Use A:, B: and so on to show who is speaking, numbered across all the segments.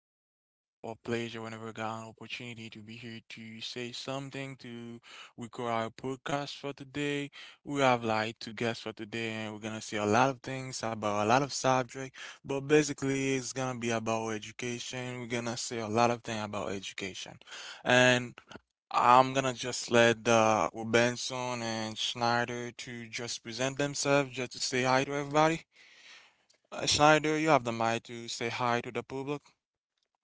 A: this is kind of a pleasure whenever I got an opportunity to be here to say something to record our podcast for today. We have like two guests for today, and we're gonna say a lot of things about a lot of subject. But basically, it's gonna be about education. We're gonna say a lot of things about education, and I'm gonna just let Benson and Schneider to just present themselves, just to say hi to everybody. Schneider, you have the mic to say hi to the public.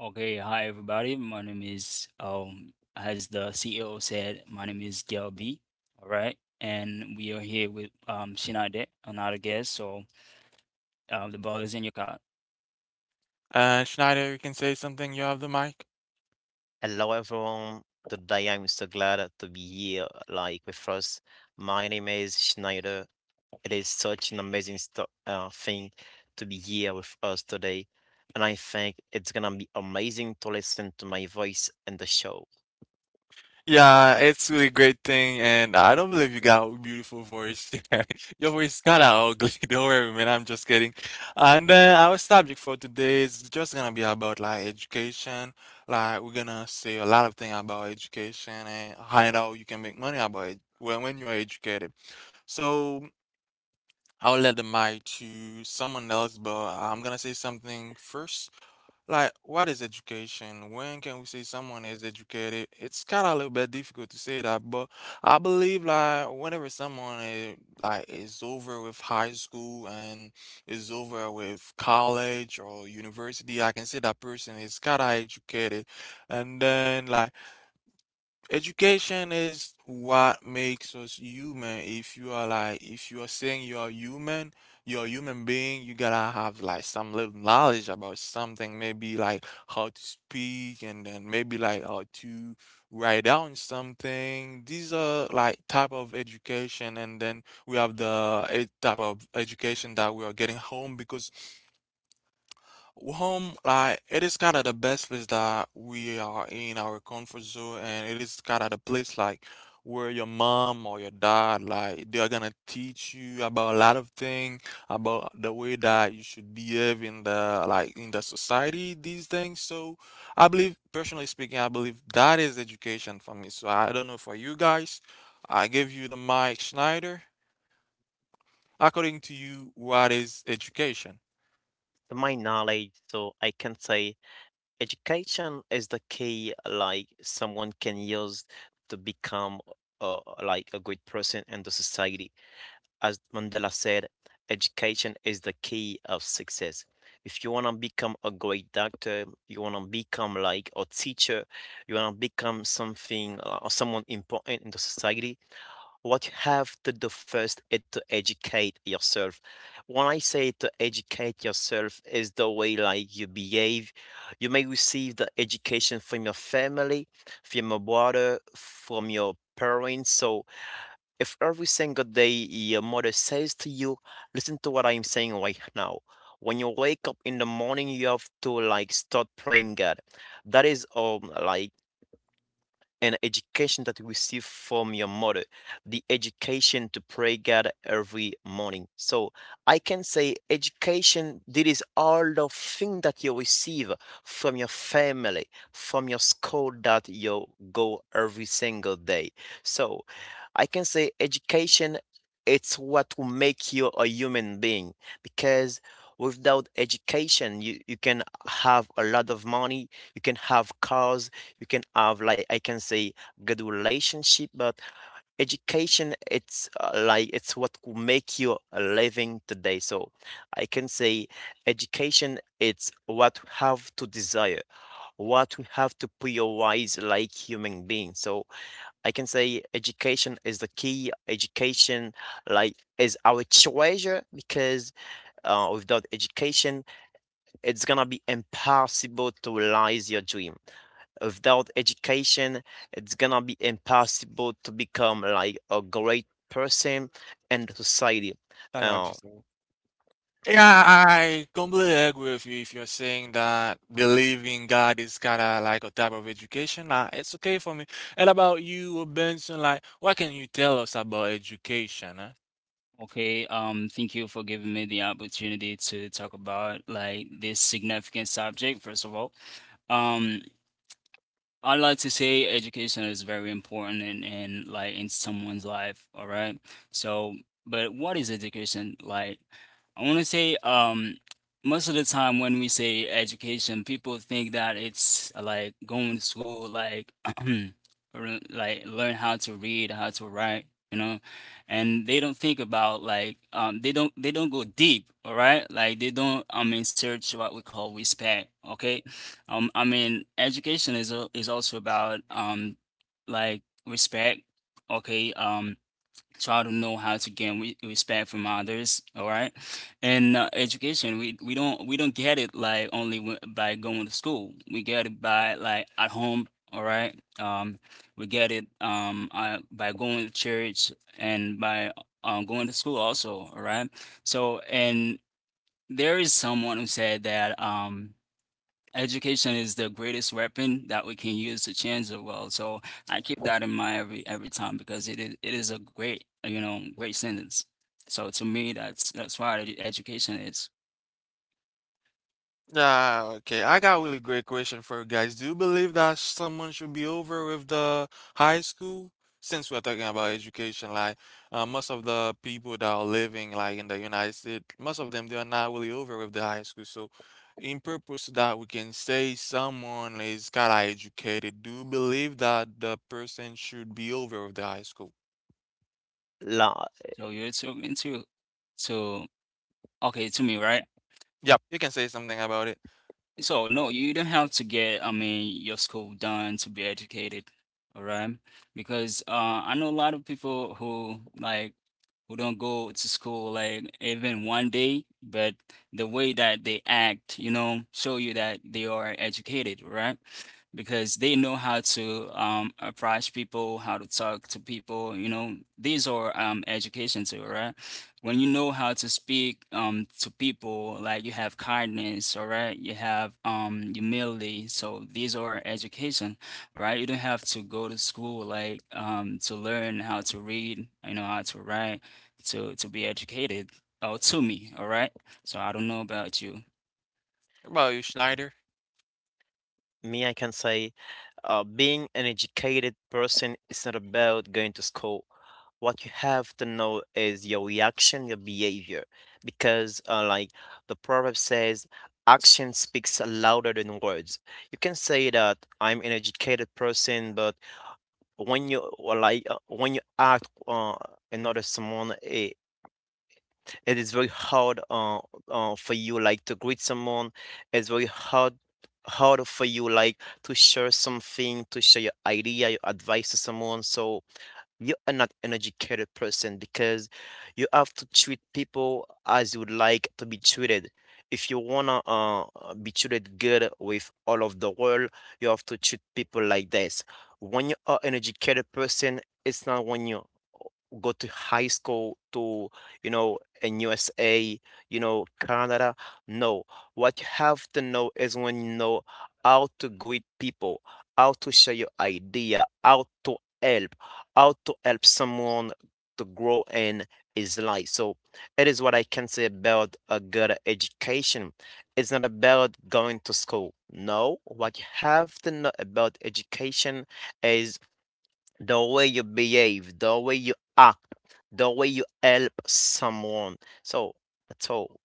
B: Okay, hi everybody. My name is, as the CEO said, my name is Gail B. All right, and we are here with Shinade, another guest. So, the ball is in your court.
A: Schneider, you can say something. You have the mic.
C: Hello, everyone. Today I'm so glad to be here, like with us. My name is Schneider. It is such an amazing sto thing to be here with us today, and I think it's gonna be amazing to listen to my voice in the show.
A: Yeah, it's really great thing, and I don't believe you got a beautiful voice. Your voice kinda ugly. Don't worry, man. I'm just kidding. And then our subject for today is just gonna be about like education. Like we're gonna say a lot of things about education and find out you can make money about it when you are educated. So I'll let the mic to someone else, but I'm gonna say something first. Like, what is education? When can we say someone is educated? It's kind of a little bit difficult to say that, but I believe like whenever someone is like is over with high school and is over with college or university, I can say that person is kind of educated. And then like education is what makes us human. If you are like, if you are saying you are human, you're a human being, you gotta have like some little knowledge about something, maybe like how to speak and then maybe like how to write down something. These are like type of education, and then we have the type of education that we are getting home because home, like it is kind of the best place that we are in our comfort zone, and it is kind of the place like where your mom or your dad, like they are gonna teach you about a lot of things, about the way that you should behave in the like in the society, these things. So I believe, personally speaking, I believe that is education for me. So I don't know for you guys. I give you the mic, Schneider. According to you, what is education?
C: To my knowledge, so I can say education is the key, like someone can use to become uh, like a good person in the society as Mandela said, education is the key of success. If you want to become a great doctor, you want to become like a teacher, you want to become something or someone important in the society, what you have to do first is to educate yourself. When I say to educate yourself is the way like you behave. You may receive the education from your family, from your brother, from your parents. So if every single day your mother says to you, listen to what I'm saying right now. When you wake up in the morning, you have to like start praying God. That is like and education that you receive from your mother, the education to pray God every morning. So I can say education, this is all the thing that you receive from your family, from your school that you go every single day. So I can say education, it's what will make you a human being because without education you can have a lot of money, you can have cars, you can have like I can say good relationship, but education it's like it's what could make you a living today. So I can say education it's what we have to desire, what we have to prioritize like human beings. So I can say education is the key. Education like is our treasure because without education it's gonna be impossible to realize your dream. Without education, it's gonna be impossible to become like a great person and society.
A: I've
C: Uh,
A: just said. Yeah, I completely agree with you if you're saying that believing God is kind of like a type of education. It's okay for me. And about you, Benson, like, what can you tell us about education? Eh?
B: Okay, thank you for giving me the opportunity to talk about, like, this significant subject, first of all. Um I like to say education is very important in like in someone's life, all right? So, but what is education like? I want to say most of the time when we say education, people think that it's like going to school, like like learn how to read, how to write, you know? And they don't think about, like, they don't go deep, all right? Like they don't in search what we call respect, okay? I mean, education is also about, like, respect. Okay, try to know how to gain re respect from others. All right, and education we don't get it like only w by going to school. We get it by, like, at home. All right, we get it by going to church and by going to school also. All right, so, and there is someone who said that education is the greatest weapon that we can use to change the world. So I keep that in mind every time because it is a great, great sentence. So to me, that's what education is.
A: Yeah, okay. I got a really great question for you guys. Do you believe that someone should be over with the high school? Since we're talking about education, like most of the people that are living like in the United States, most of them they are not really over with the high school. So, in purpose to that, we can say someone is kind of educated. Do you believe that the person should be over with the high school?
C: la,
B: So you're too into to, okay, to me, right?
A: Yep, you can say something about it.
B: So no, you don't have to get, I mean, your school done to be educated, all right? Because I know a lot of people who don't go to school like even one day, but the way that they act, show you that they are educated, right? Because they know how to, approach people, how to talk to people, these are, education too, right? When you know how to speak to people, like you have kindness, all right, you have humility, so these are education. All right, you don't have to go to school, like, to learn how to read, how to write, to be educated. Oh, to me, all right? So I don't know about you.
A: How about you, Schneider?
C: Me, I can say, being an educated person is not about going to school. What you have to know is your reaction, your behavior, because like the proverb says, action speaks louder than words. You can say that I'm an educated person, but when you or like when you act another someone, it is very hard for you like to greet someone. It's very hard for you like to share something, to share your idea, your advice to someone, so you are not an educated person because you have to treat people as you would like to be treated. If you wanna be treated good with all of the world, you have to treat people like this. When you are an educated person, it's not when you go to high school to in USA, Canada. No, what you have to know is when you know how to greet people, how to share your idea, how to help someone to grow in his life. So it is what I can say about a good education. It's not about going to school. No, what you have to know about education is the way you behave, the way you act, the way you help someone. So that's all.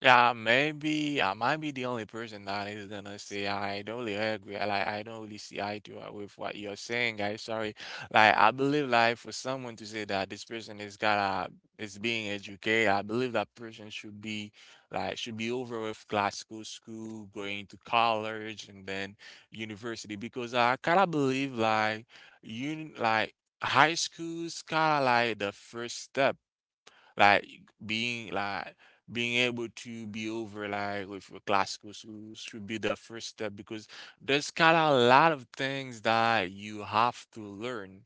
A: Yeah, maybe I might be the only person that is gonna say I don't really agree. Like I don't really see eye to eye with what you're saying, guys. Sorry. Like I believe like for someone to say that this person is gotta is being educated, I believe that person should be should be over with classical school, going to college and then university because I kinda believe like you like high school's kinda like the first step, like being like being able to be over like with your classical schools should be the first step because there's kind of a lot of things that you have to learn.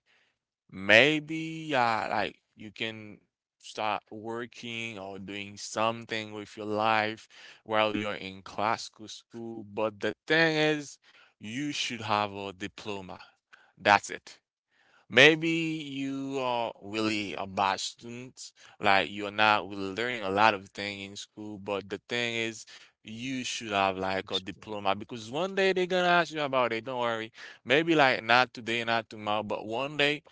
A: Maybe like you can start working or doing something with your life while you're in classical school, but the thing is, you should have a diploma. That's it. Maybe you are really a bad student, like you're not really learning a lot of things in school, but the thing is, you should have like a diploma because one day they're gonna ask you about it, don't worry. Maybe like not today, not tomorrow, but one day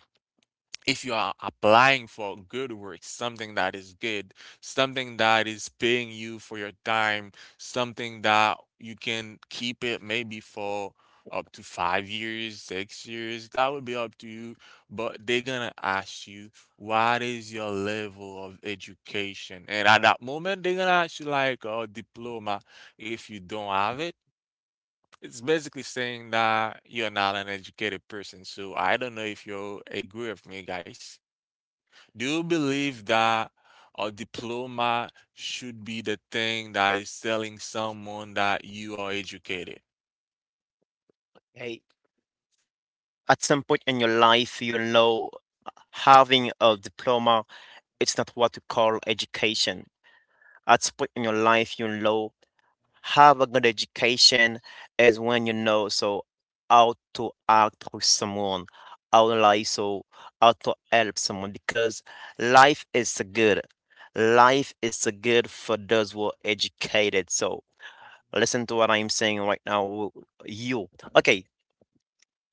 A: if you are applying for good work, something that is good, something that is paying you for your time, something that you can keep it maybe for up to 5 years, 6 years, that would be up to you. But they're gonna ask you, what is your level of education? And at that moment, they're gonna ask you like a diploma. If you don't have it, it's basically saying that you're not an educated person. So I don't know if you agree with me, guys. Do you believe that a diploma should be the thing that is telling someone that you are educated?
C: Okay. At some point in your life, having a diploma, it's not what you call education. At some point in your life, have a good education is when you know so how to act with someone, how to lie, so how to help someone because life is good. Life is good for those who are educated. So listen to what I'm saying right now. You okay?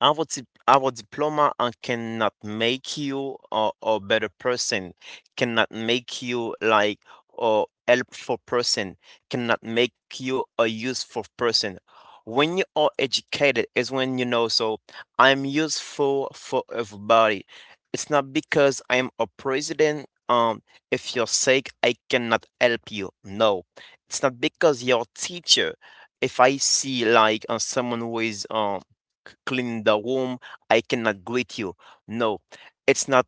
C: Our diploma cannot make you a better person, cannot make you like a helpful person, cannot make you a useful person. When you are educated is when you know, so I'm useful for everybody. It's not because I'm a president, if you're sick, I cannot help you. No. It's not because you're a teacher. If I see like someone who is clean the room. I cannot greet you. No, it's not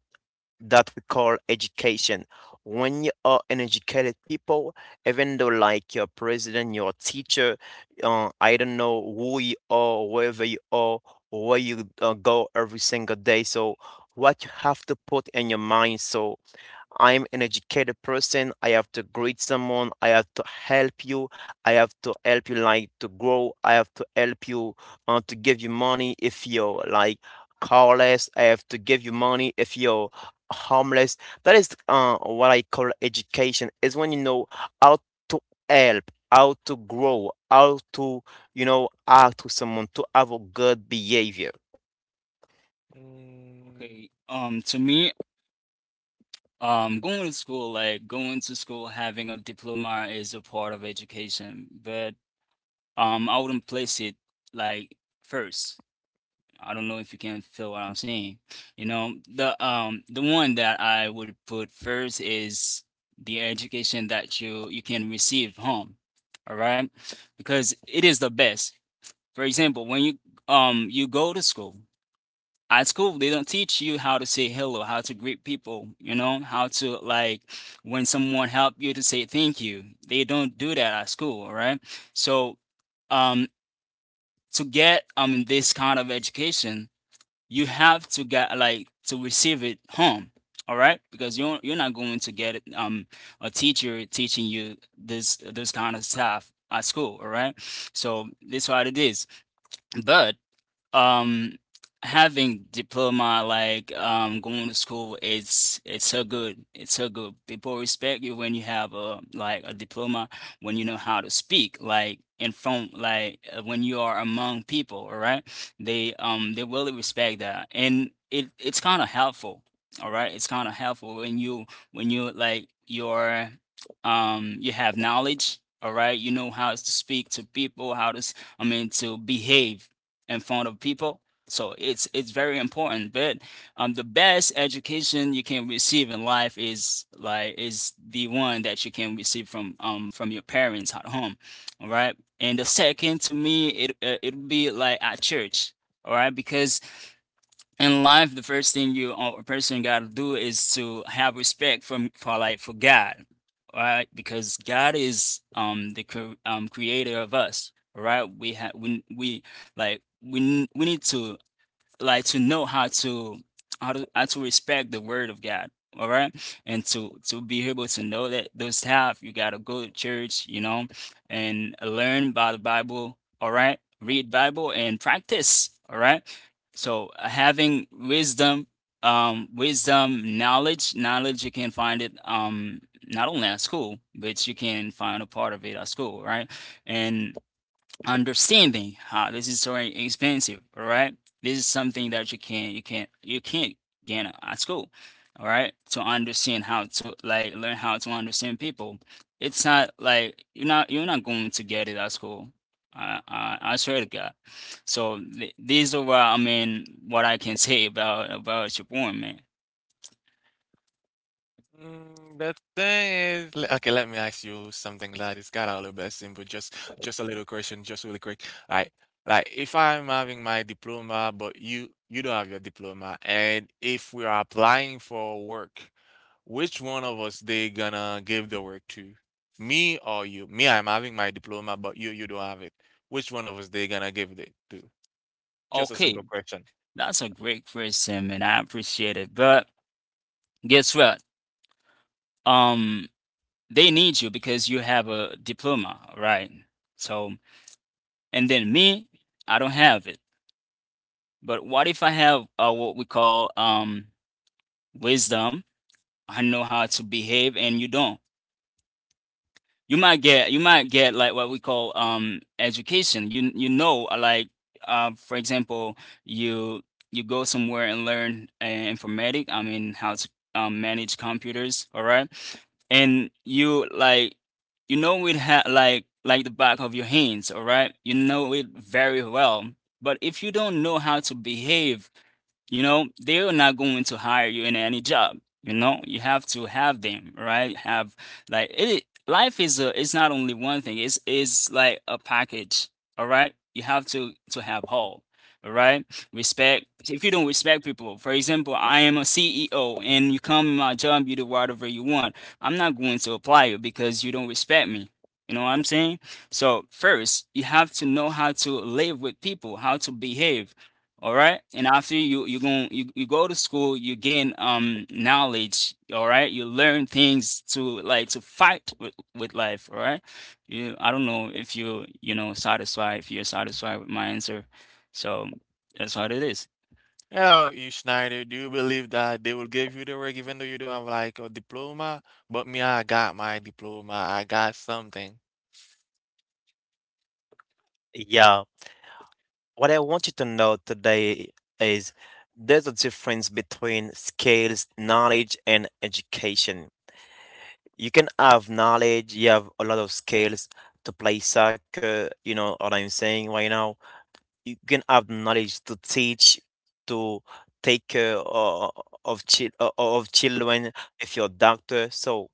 C: that we call education. When you are an educated people, even though like your president, your teacher, I don't know who you are, wherever you are, where you go every single day. So what you have to put in your mind so I'm an educated person. I have to greet someone. I have to help you. I have to help you like to grow. I have to help you to give you money if you're like carless. I have to give you money if you're homeless. That is what I call education. Is when you know how to help, how to grow, how to how to someone to have a good behavior.
A: Mm.
B: Okay, to me, going to school, having a diploma, is a part of education, but I wouldn't place it, like, first. I don't know if you can feel what I'm saying. You know, the one that I would put first is the education that you can receive home. All right? Because it is the best. For example, when you go to school, at school they don't teach you how to say hello, how to greet people, how to, like, when someone help you to say thank you. They don't do that at school, all right? So um to get this kind of education, you have to get, like, to receive it home, all right, because you're not going to get a teacher teaching you this kind of stuff at school, all right, so that's what it is. But, um, having diploma, like, going to school, it's so good. It's so good. People respect you when you have a like a diploma, when you know how to speak, like in front, like, when you are among people. All right, they really respect that, and it's kind of helpful. All right, it's kind of helpful when you like your you have knowledge. All right, you know how to speak to people, how to I mean, to behave in front of people. So it's very important. But, the best education you can receive in life is the one that you can receive from your parents at home, all right. And the second to me, it would be like at church, all right, because in life, the first thing you or a person got to do is to have respect from for, like, for God, right? Because God is the creator of us, right? We have we like we n- we need to, like, to know how to, how to respect the word of God. All right, and to be able to know that those stuff, you gotta go to church, you know, and learn about the Bible. All right, read Bible and practice. All right, so having wisdom, knowledge, you can find it not only at school, but you can find a part of it at school, right? And understanding how this is so expensive, all right, this is something that you can't get at school, all right, to understand how to, like, learn how to understand people, it's not like you're not going to get it at school. I swear to God. So, these are what, I mean, what I can say about your point, man.
A: Mm, the thing is, le- okay, let me ask you something that is kind of a little bit simple. Just a little question, just really quick. Like, like if I'm having my diploma, but you don't have your diploma, and if we are applying for work, which one of us they gonna give the work to? Me or you? Me, I'm having my diploma, but you don't have it. Which one of us they gonna give it to? Just a
B: Okay,
A: simple question.
B: that's a great question, man, I appreciate it. But guess what? um They need you because you have a diploma, right? So, and then me, I don't have it. But what if I have, what we call, wisdom? I know how to behave and you don't. You might get, like, what we call education. Like, for example, you you go somewhere and learn, informatic, I mean, how to, manage computers, all right, and you, like, you know it, like the back of your hands, all right, you know it very well. But if you don't know how to behave, you know, they're not going to hire you in any job. You know, you have to have them, right? Have, like, it. Life is a, it's not only one thing. It's like a package. All right, you have to have all. All right, respect. If you don't respect people, for example, I am a CEO, and you come in my job, you do whatever you want. I'm not going to apply you because you don't respect me. You know what I'm saying? So first, you have to know how to live with people, how to behave, all right. And after you go to school, you gain knowledge, all right? You learn things to, like, to fight with life, all right? You I don't know if you you know satisfied if you're satisfied with my answer. So that's what it is.
A: And how about you, Schneider? Do you believe that they will give you the work even though you don't have like a diploma? But me, I got my diploma. I got something.
C: Yeah. What I want you to know today is there's a difference between skills, knowledge, and education. You can have knowledge, you have a lot of skills to play soccer, you know what I'm saying right now. You can have knowledge to teach, to take care of, chil- o- of children if you're a doctor. So,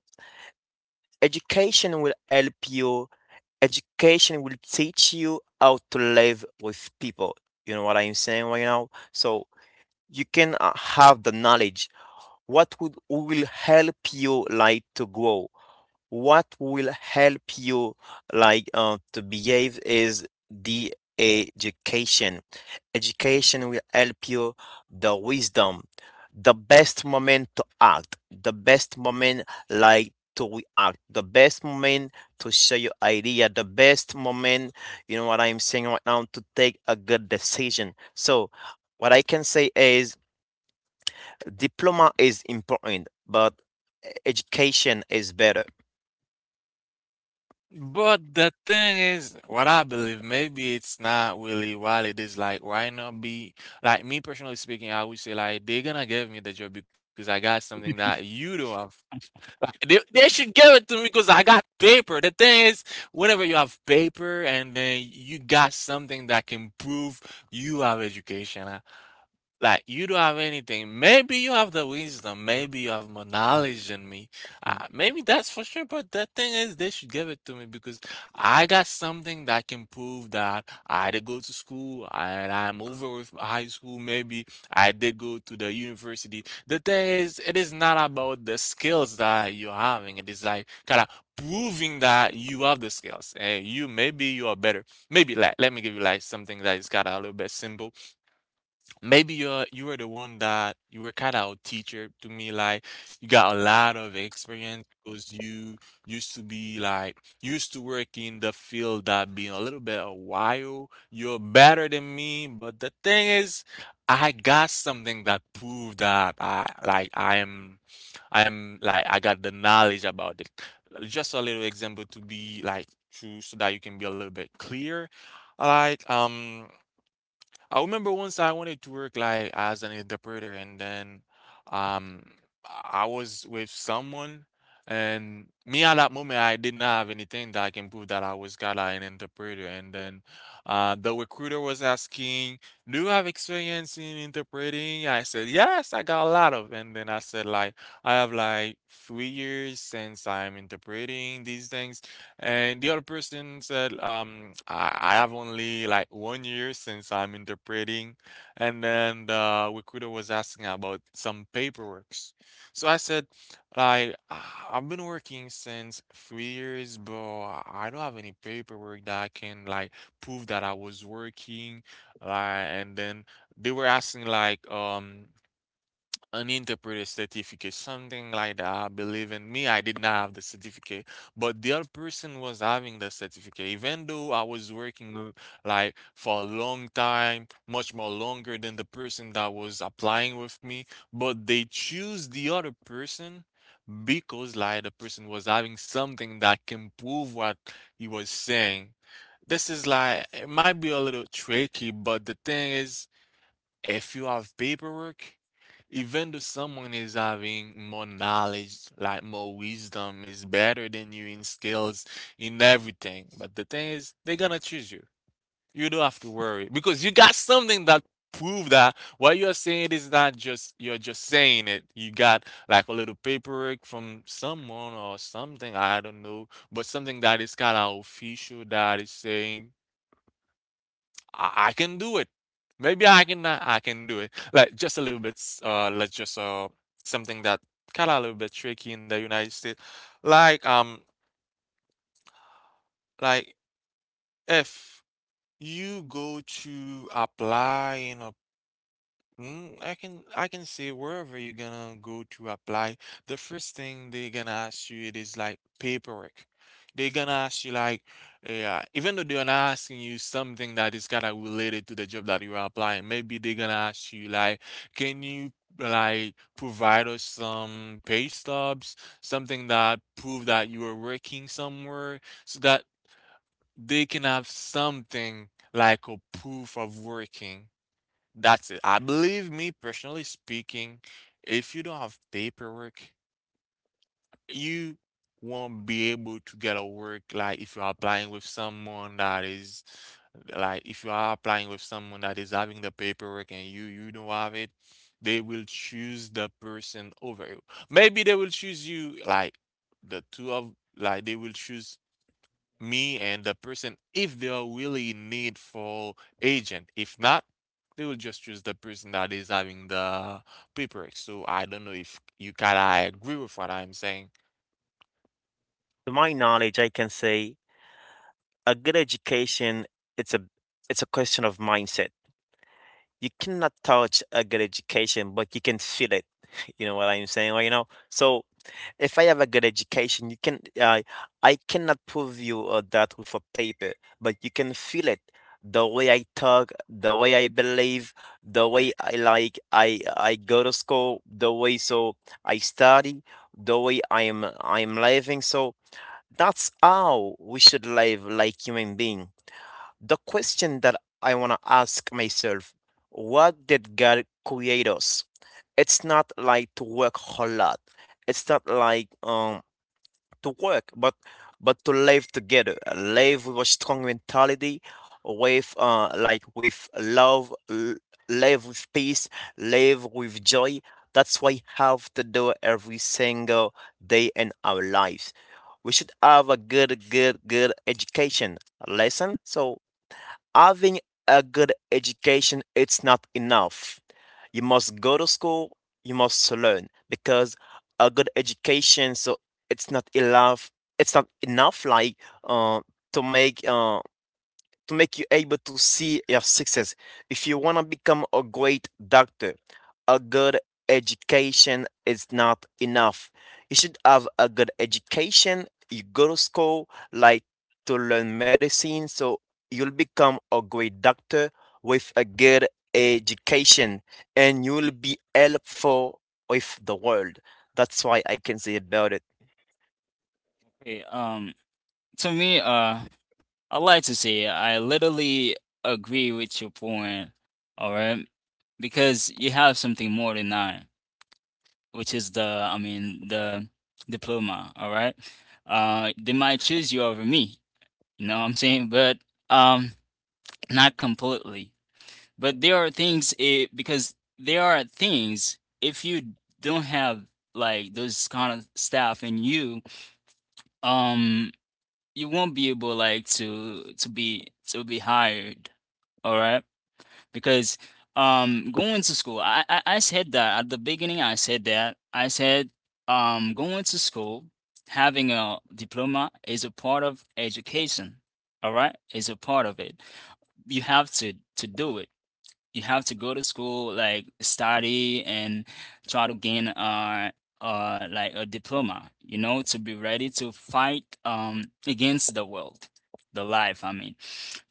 C: education will help you, education will teach you how to live with people. You know what I'm saying right now? So you can have the knowledge what would will help you like to grow, what will help you like to behave is the education education will help you, the wisdom, the best moment to act, the best moment like to react, the best moment to share your idea, the best moment, you know what I'm saying right now, to take a good decision. So what I can say is diploma is important, but education is better.
A: But the thing is, what I believe, maybe it's not really what it is like. Why not be like me personally speaking? I would say like they're gonna give me the job because I got something that you don't have. They should give it to me because I got paper. The thing is, whenever you have paper and then you got something that can prove you have education, like, you don't have anything. Maybe you have the wisdom. Maybe you have more knowledge than me.
C: Mhm.
A: Maybe that's for sure. But the thing is, they should give it to me because I got something that can prove that I did go to school and I'm over with high school. Maybe I did go to the university. The thing is, it is not about the skills that you're having. It is like kind of proving that you have the skills and you maybe you are better. Maybe like let me give you like something that is kind of a little bit simple. Maybe you were the one that you were kind of a teacher to me, like you got a lot of experience because you used to work in the field that been a little bit a while. You're better than me, but the thing is, I got something that proved that I am like I got the knowledge about it. Just a little example to be like true so that you can be a little bit clear. Like I remember once I wanted to work like as an interpreter, and then um, I was with someone, and me at that moment I didn't have anything that I can prove that I was kinda an interpreter. And then the recruiter was asking, "Do you have experience in interpreting?" I said, "Yes, I got a lot of." And then I said, "Like I have like 3 years since I'm interpreting these things." And the other person said, I have only like one year since I'm interpreting. And then the recruiter was asking about some paperwork. So I said, like, "Ah, I've been working since 3 years, but I don't have any paperwork that I can like prove that I was working." Like, and then they were asking like, uninterpreted certificate, something like that. Believe in me, I did not have the certificate, but the other person was having the certificate. Even though I was working l- like for a long time, much more longer than the person that was applying with me, but they choose the other person because like the person was having something that can prove what he was saying. This is like it might be a little tricky, but the thing is, if you have paperwork even though someone is having more knowledge, like more wisdom, is better than you in skills, in everything. But the thing is, they're gonna choose you. You don't have to worry because you got something that prove that what you're saying is not just you're just saying it. You got like a little paperwork from someone or something, I don't know, but something that is kind of official that is saying I can do it. Maybe I can do it. Like just a little bit like just something that kinda a little bit tricky in the United States. Like um like if you go to apply in a I can say wherever you're gonna go to apply, the first thing they're gonna ask you it is like paperwork. They're gonna ask you like, yeah, even though they're not asking you something that is kind of related to the job that you're applying, maybe they're gonna ask you like, can you like provide us some pay stubs, something that prove that you were working somewhere, so that they can have something like a proof of working. That's it. I believe me, personally speaking, if you don't have paperwork, you won't be able to get a work. Like if you are applying with someone that is, like if you are applying with someone that is having the paperwork and you don't have it, they will choose the person over you. Maybe they will choose you, like the two of, like they will choose me and the person if they are really needful agent. If not, they will just choose the person that is having the paperwork. So I don't know if you kinda agree with what I'm saying.
C: To my knowledge, I can say a good education it's a it's a question of mindset. You cannot touch a good education, but you can feel it. You know what I'm saying? Well, so if I have a good education, you can I cannot prove you that with a paper, but you can feel it. The way I talk, the way I believe, the way I like I go to school, the way so I study, the way I'm living. So that's how we should live like human beings. The question that I want to ask myself, what did God create us? It's not like to work a whole lot. It's not like to work, but to live together, live with a strong mentality, with like with love, live with peace, live with joy. That's what we have to do every single day in our lives. We should have a good, good, good education lesson. So having a good education, it's not enough. You must go to school, you must learn because a good education, so it's not enough. It's not enough like uh, to make uh, to make you able to see your success. If you want to become a great doctor, a good education is not enough. You should have a good education. You go to school like to learn medicine, so you'll become a great doctor with a good education and you'll be helpful with the world. That's why I can say about it.
B: Okay, to me, I like to say I literally agree with your point, all right? Because you have something more than I, which is, the I mean, the diploma, all right? They might choose you over me, you know what I'm saying? But um not completely. But there are because there are things, if you don't have, like, those kind of staff in you, um you won't be able, like, to be hired, all right? Because going to school, I said that at the beginning, I said, going to school having a diploma is a part of education, all right, is a part of it. You have to do it. You have to go to school, like, study and try to gain like a diploma, you know, to be ready to fight against the world, the life, I mean.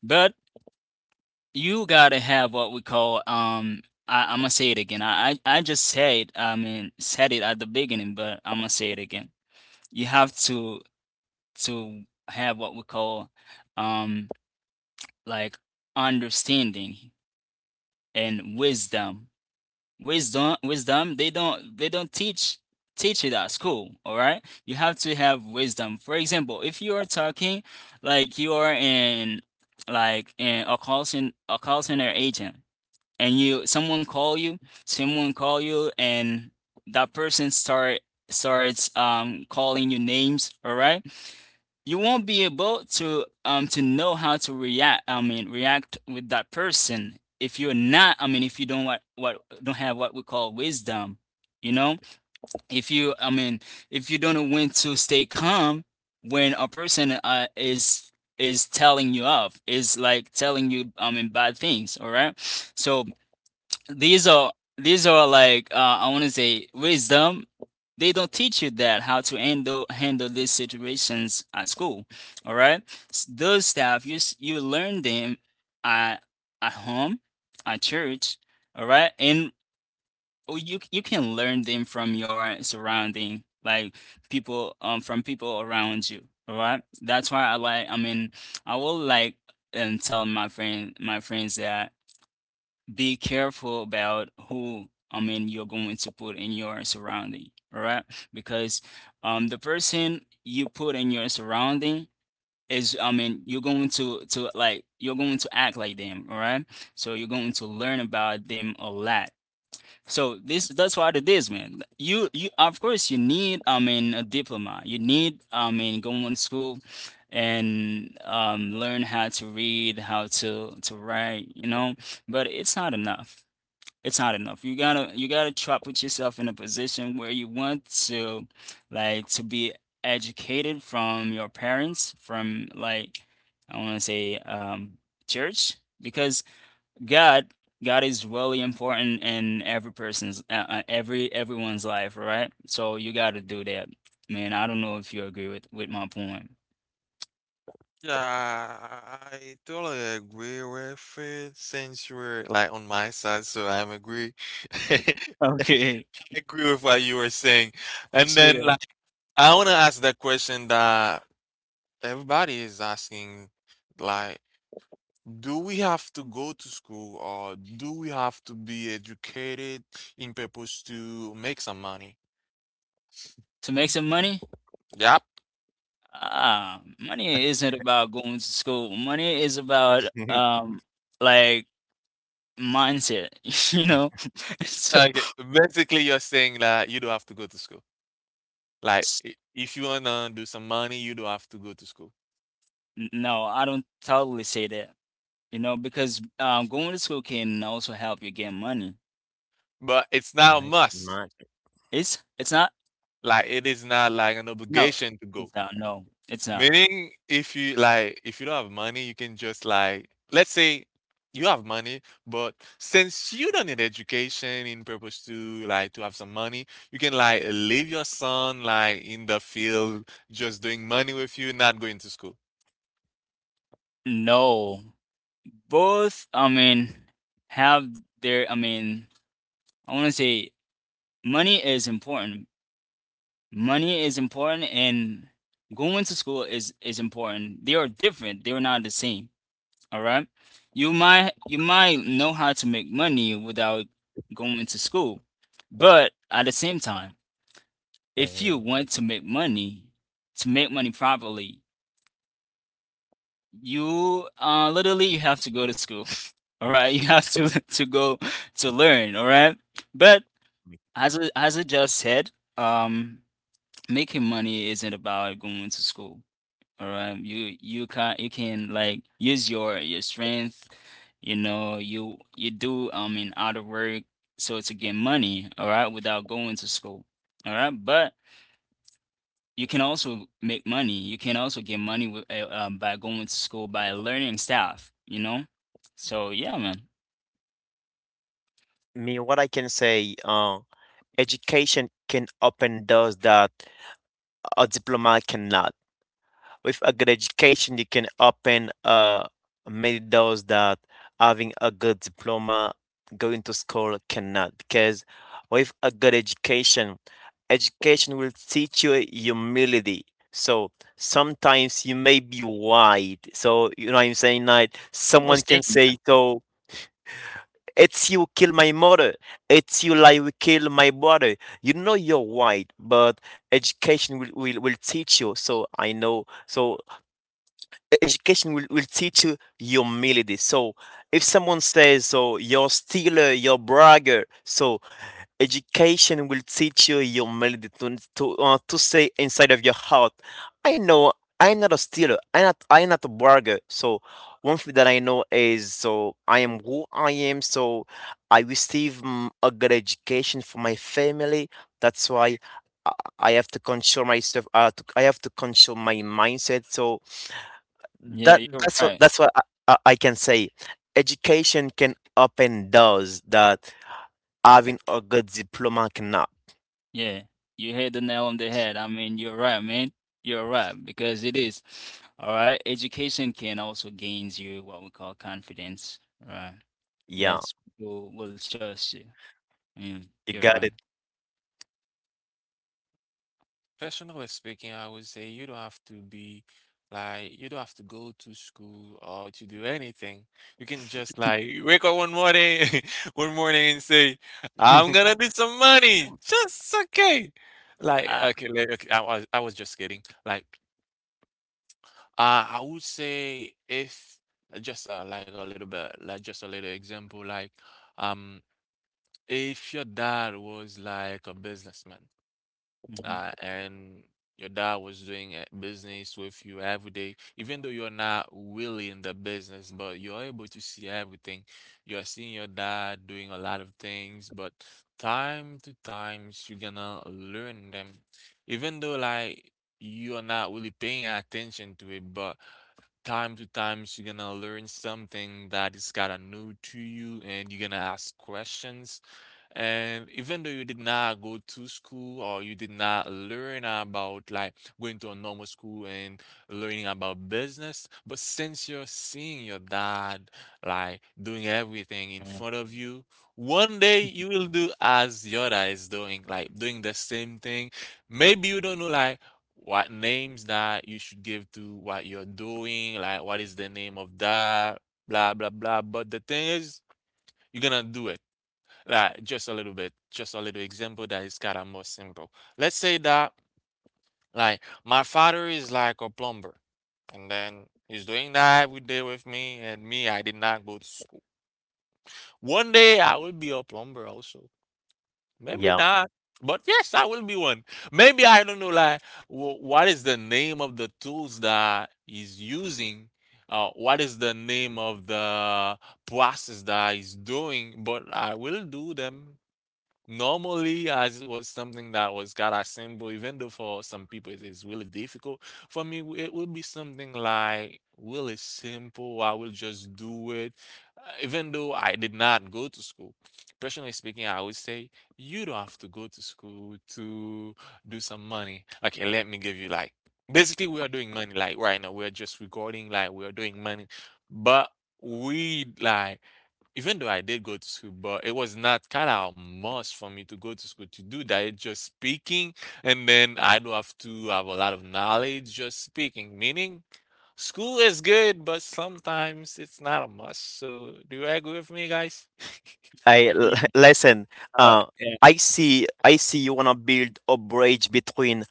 B: But you gotta have what we call, I'm gonna say it again. I just said, I mean, said it at the beginning, but I'm gonna say it again. You have to have what we call, um like, understanding and wisdom. Wisdom, they don't teach it at school, all right? You have to have wisdom. For example, if you are talking, like you are in, like, an a call center agent, and you someone call you, and that person starts calling you names, all right, you won't be able to, to know how to react, I mean, react with that person, if you're not, I mean, if you don't, what don't have what we call wisdom. You know, if you I mean, if you don't know when to stay calm, when a person, is telling you off, is, like, telling you, I mean, bad things, all right, so these are like, I want to say, wisdom. They don't teach you that, how to handle these situations at school. All right, those stuff you learn them at at home, at church. All right, and oh, you can learn them from your surrounding, like people from people around you. All right, that's why I will like and tell my friends that be careful about who you're going to put in your surrounding, all right? Because the person you put in your surrounding is you're going to you're going to act like them, all right? So you're going to learn about them a lot. So this that's what it is, man. You of course you need a diploma. You need going to school and learn how to read, how to write, you know, but it's not enough. You gotta try to put yourself in a position where you want to to be educated from your parents, from like I wanna say church because God is really important in every person's everyone's life, right? So you gotta do that. Man, I don't know if you agree with my point.
A: Yeah, I totally agree with it since you were like on my side, so I'm agree. I
B: Okay.
A: agree with what you were saying. And
B: Let's do
A: then
B: that.
A: like I wanna ask the question that everybody is asking, like do we have to go to school or do we have to be educated in purpose to make some money?
B: To make some money.
A: Yep.
B: Money isn't about going to school. Money is about like mindset, you know? So
A: Okay. Basically, you're saying that you don't have to go to school. Like,
B: s-
A: if you wanna do some money, you don't have to go to school.
B: no, I don't totally say that, you know, because going to school can also help you get money.
A: But it's not a
C: Right,
A: must.
C: right.
B: It's not,
A: Like, it is not like an
B: no,
A: obligation to
B: it's
A: go.
B: not, no, it's not.
A: Meaning, if you like, if you don't have money, you can just like, let's say you have money, but since you don't need education in purpose to like to have some money, you can like leave your son like in the field, just doing money with you, not going to school.
B: No. Both, have their I wanna say money is important. Money is important and going to school is important. They are different. They are not the same. All right. You might know how to make money without going to school. But at the same time, if
C: Uh,
B: you want to make money properly, you literally you have to go to school. All right? You have to to go to learn, all right? But as I just said, um making money isn't about going to school. All right, you can you can like use your strength, you know, you do out of work so to get money, all right, without going to school. All right, but you can also make money. You can also get money with, by going to school, by learning stuff, you know? So yeah, man.
C: me, what I can say, education can open doors that a diploma cannot. With a good education, you can open many doors that having a good diploma, going to school cannot. Because with a good education will teach you humility. So sometimes you may be white. So you know what I'm saying, like
B: I
C: someone
B: was
C: can
B: thinking,
C: say, so it's you kill my mother. It's you like we kill my brother. You know you're white, but education will teach you. So I know. So education will teach you humility. So if someone says, so you're stealer, you're bragger, so education will teach you humility to say inside of your heart, I know I'm not a stealer, I'm not a bragger. So one thing that I know is, so I am who I am, so I receive a good education from my family. That's why I have to control myself. I have to control my mindset. So
B: yeah,
C: that
B: you're
C: that's what
B: right.
C: that's what I can say. Education can open doors that having a good diploma cannot.
B: Yeah, you hit the nail on the head. I mean, you're right, man. You're right because it is. All right, education can also gains you what we call confidence. Right?
C: Yeah,
B: Yes, people will trust you. Mm,
C: you
B: you're
C: got
B: right.
C: it.
A: Personally speaking, I would say you don't have to be like you don't have to go to school or to do anything. You can just like wake up one morning, one morning and say, "I'm gonna do some money." Just okay. Like
B: Ah,
A: okay, like, okay I was just kidding. Like I would say if just like a little bit, like just a little example, like um, if your dad was like a businessman
B: mhm.
A: and your dad was doing a business with you every day, even though you're not really in the business, but you're able to see everything. You're seeing your dad doing a lot of things, but time to times you're gonna learn them, even though like you're not really paying attention to it, but time to time you're gonna learn something that is kind of new to you and you're gonna ask questions and even though you did not go to school or you did not learn about like going to a normal school and learning about business but since you're seeing your dad like doing everything in
B: Yeah.
A: front of you one day you will do as your dad is doing like doing the same thing maybe you don't know like what names that you should give to what you're doing, like what is the name of that, blah blah blah. But the thing is, you're gonna do it. Like just a little bit, just a little example that is kind of more simple. Let's say that like my father is like a plumber, and then he's doing that every day with me, and me, I did not go to school. One day I will be a plumber also. Maybe
C: Yeah.
A: not. But yes, I will be one. Maybe I don't know like what is the name of the tools that he's using? What is the name of the process that he's doing? But I will do them. Normally, as it was something that was got assembled, even though for some people it is really difficult, for me, it would be something like really simple. I will just do it. Even though I did not go to school, personally speaking, I would say you don't have to go to school to do some money. Okay, let me give you like basically we are doing money like right now. We are just recording like we are doing money, but we like even though I did go to school, but it was not kind of a must for me to go to school to do that. It's just speaking, and then I do have to have a lot of knowledge just speaking. Meaning, school is good, but sometimes it's not a must. So, do you agree with me, guys?
B: Yeah, yeah.
C: Listen. Uh,
B: Yeah.
C: I see. I see. You wanna build a bridge between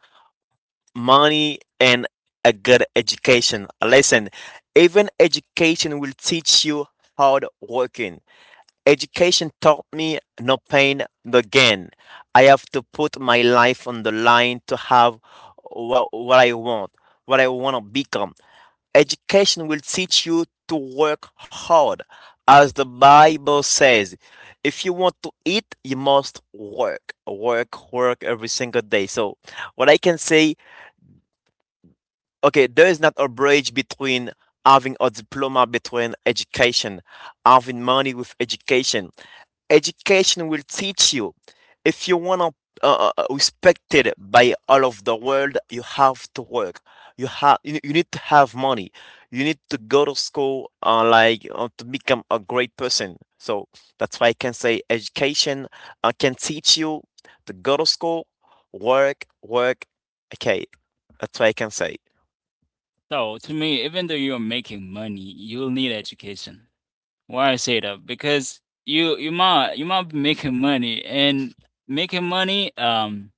C: money and a good education. Listen, even education will teach you hard working. Education taught me no pain, no gain. I have to put my life on the line to have what I want, what I want to become. Education will teach you to work hard. As the Bible says, if you want to eat, you must work, work, work every single day. So, what I can say, okay, there is not a bridge between having a diploma between education, having money with education. Education will teach you. If you want to respected by all of the world, you have to work. You need to have money. You need to go to school, like to become a great person. So that's why I can say education can teach you to go to school, work, work. Okay, that's why I can say.
B: So to me, even though you're making money, you'll need education. Why I say that? Because you might be making money and making money.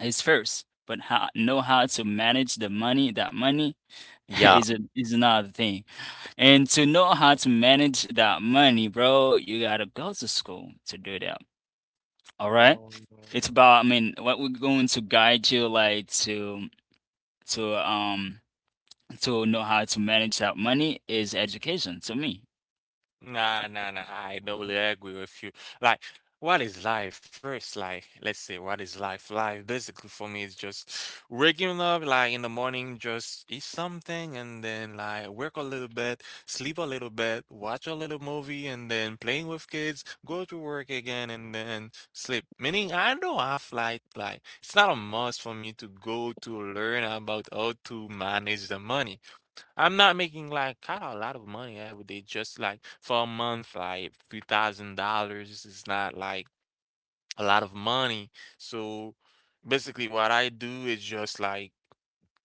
B: Is first, but how know how to manage the money. That money
C: Yeah,
B: is another thing, and to know how to manage that money, bro, you gotta go to school to do that. All right,
A: Um,
B: it's about. I mean, what we're going to guide you like to um to know how to manage that money is education to me.
A: Nah, nah, nah. I totally agree with you. Like, what is life? First, like, let's say, what is life? Life, basically, for me, is just waking up, like, in the morning, just eat something, and then, like, work a little bit, sleep a little bit, watch a little movie, and then playing with kids, go to work again, and then sleep. Meaning, I don't have, like, it's not a must for me to go to learn about how to manage the money. I'm not making like kind of a lot of money every day, just like for a month, like $3,000 is not like a lot of money. So basically, what I do is just like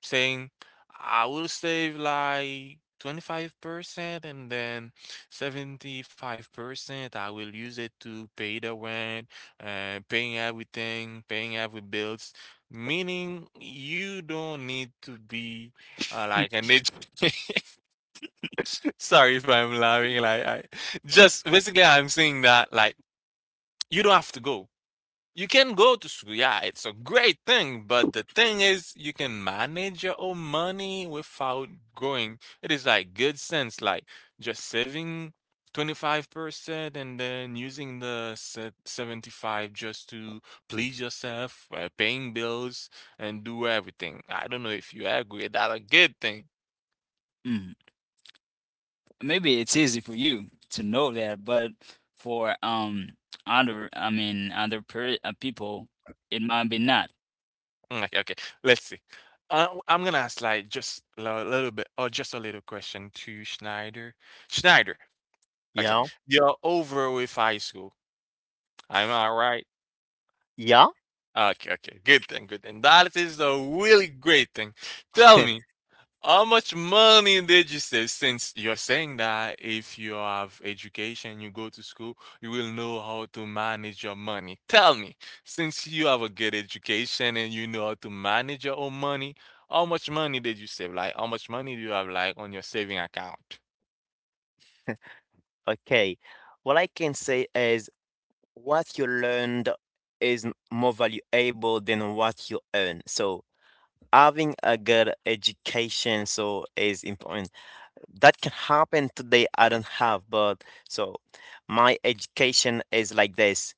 A: saying I will save like 25% and then 75% I will use it to pay the rent, paying everything, paying every bills. Meaning you don't need to be like an agent. Sorry if I'm laughing. Like I just basically I'm saying that like you don't have to go. You can go to school. Yeah, it's a great thing, but the thing is you can manage your own money without going. It is like good sense, like just saving 25% and then using the 75 just to please yourself, paying bills and do everything. I don't know if you agree that a good thing.
B: Mhm. Maybe it's easy for you to know that, but for other, I mean other per people, it might be not.
A: Mm, okay, okay. Let's see. I'm gonna ask like just a little bit or just a little question to Schneider. Schneider, okay,
C: yeah,
A: you're over with high school. Am I right?
C: yeah.
A: Okay, okay. Good thing, good thing. That is a really great thing. Tell me, how much money did you save? Since you're saying that if you have education, you go to school, you will know how to manage your money. Tell me, since you have a good education and you know how to manage your own money, how much money did you save? Like, how much money do you have, like, on your saving account?
C: Okay. What I can say is what you learned is more valuable than what you earn. So having a good education so is important. That can happen today, I don't have, but so my education is like this.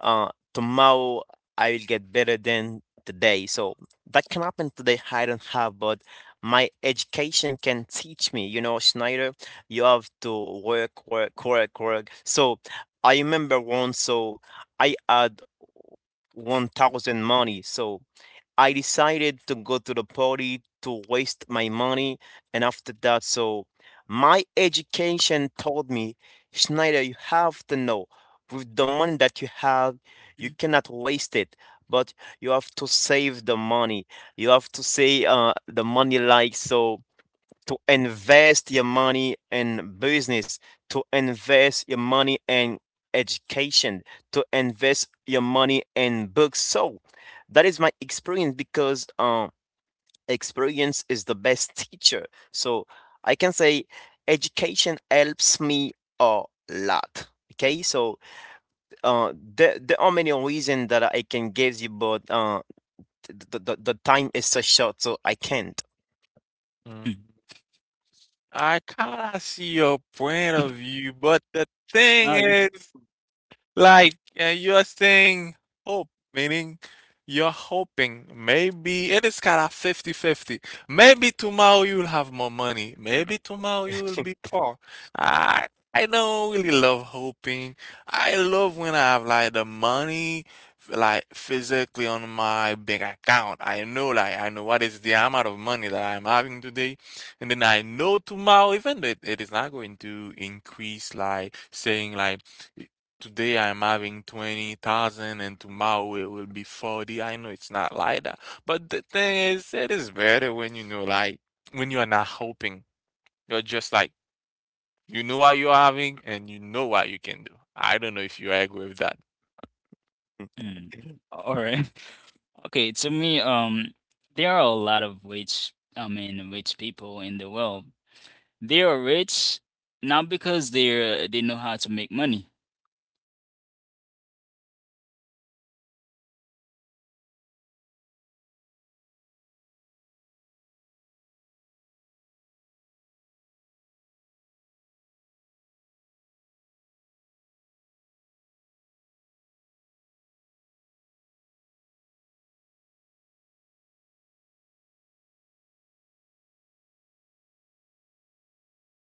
C: Tomorrow I will get better than today. So that can happen today, I don't have, but my education can teach me. You know, Schneider, you have to work, work, work, work. So I remember once, so I had 1,000 money, so I decided to go to the party to waste my money. And after that, so my education told me, Schneider, you have to know, with the money that you have, you cannot waste it, but you have to save the money. You have to say the money like so to invest your money in business, to invest your money in education, to invest your money in books. So that is my experience because experience is the best teacher. So I can say education helps me a lot. Okay, so there are many reasons that I can give you, but the time is so short, so I can't.
B: Mm.
A: Mm, I kind of see your point of view, but the thing
B: Not
A: is, like you are saying hope, meaning you're hoping maybe it is kind of fifty fifty. Maybe tomorrow you will have more money. Maybe tomorrow you will be poor. I I don't really love hoping. I love when I have like the money like physically on my bank account. I know like I know what is the amount of money that I'm having today. And then I know tomorrow even though it is not going to increase like saying like today I'm having 20,000 and tomorrow it will be 40. I know it's not like that. But the thing is, it is better when you know, like, when you are not hoping. You're just like, you know what you're having and you know what you can do. I don't know if you agree with that.
C: Mmh.
B: mm. All right. Okay, to me, there are a lot of rich, I mean, rich people in the world. They are rich not because they know how to make money, okay, but it's because they know how to manage money.
C: Yeah, I got
B: Yes.
C: it.
B: I mean, I know a lot of people
A: Mm.
B: in the world. They, my
C: Ama laptop'u
B: goodness.
C: bien mi? L'enregistrer? L'enregistrer? Aha.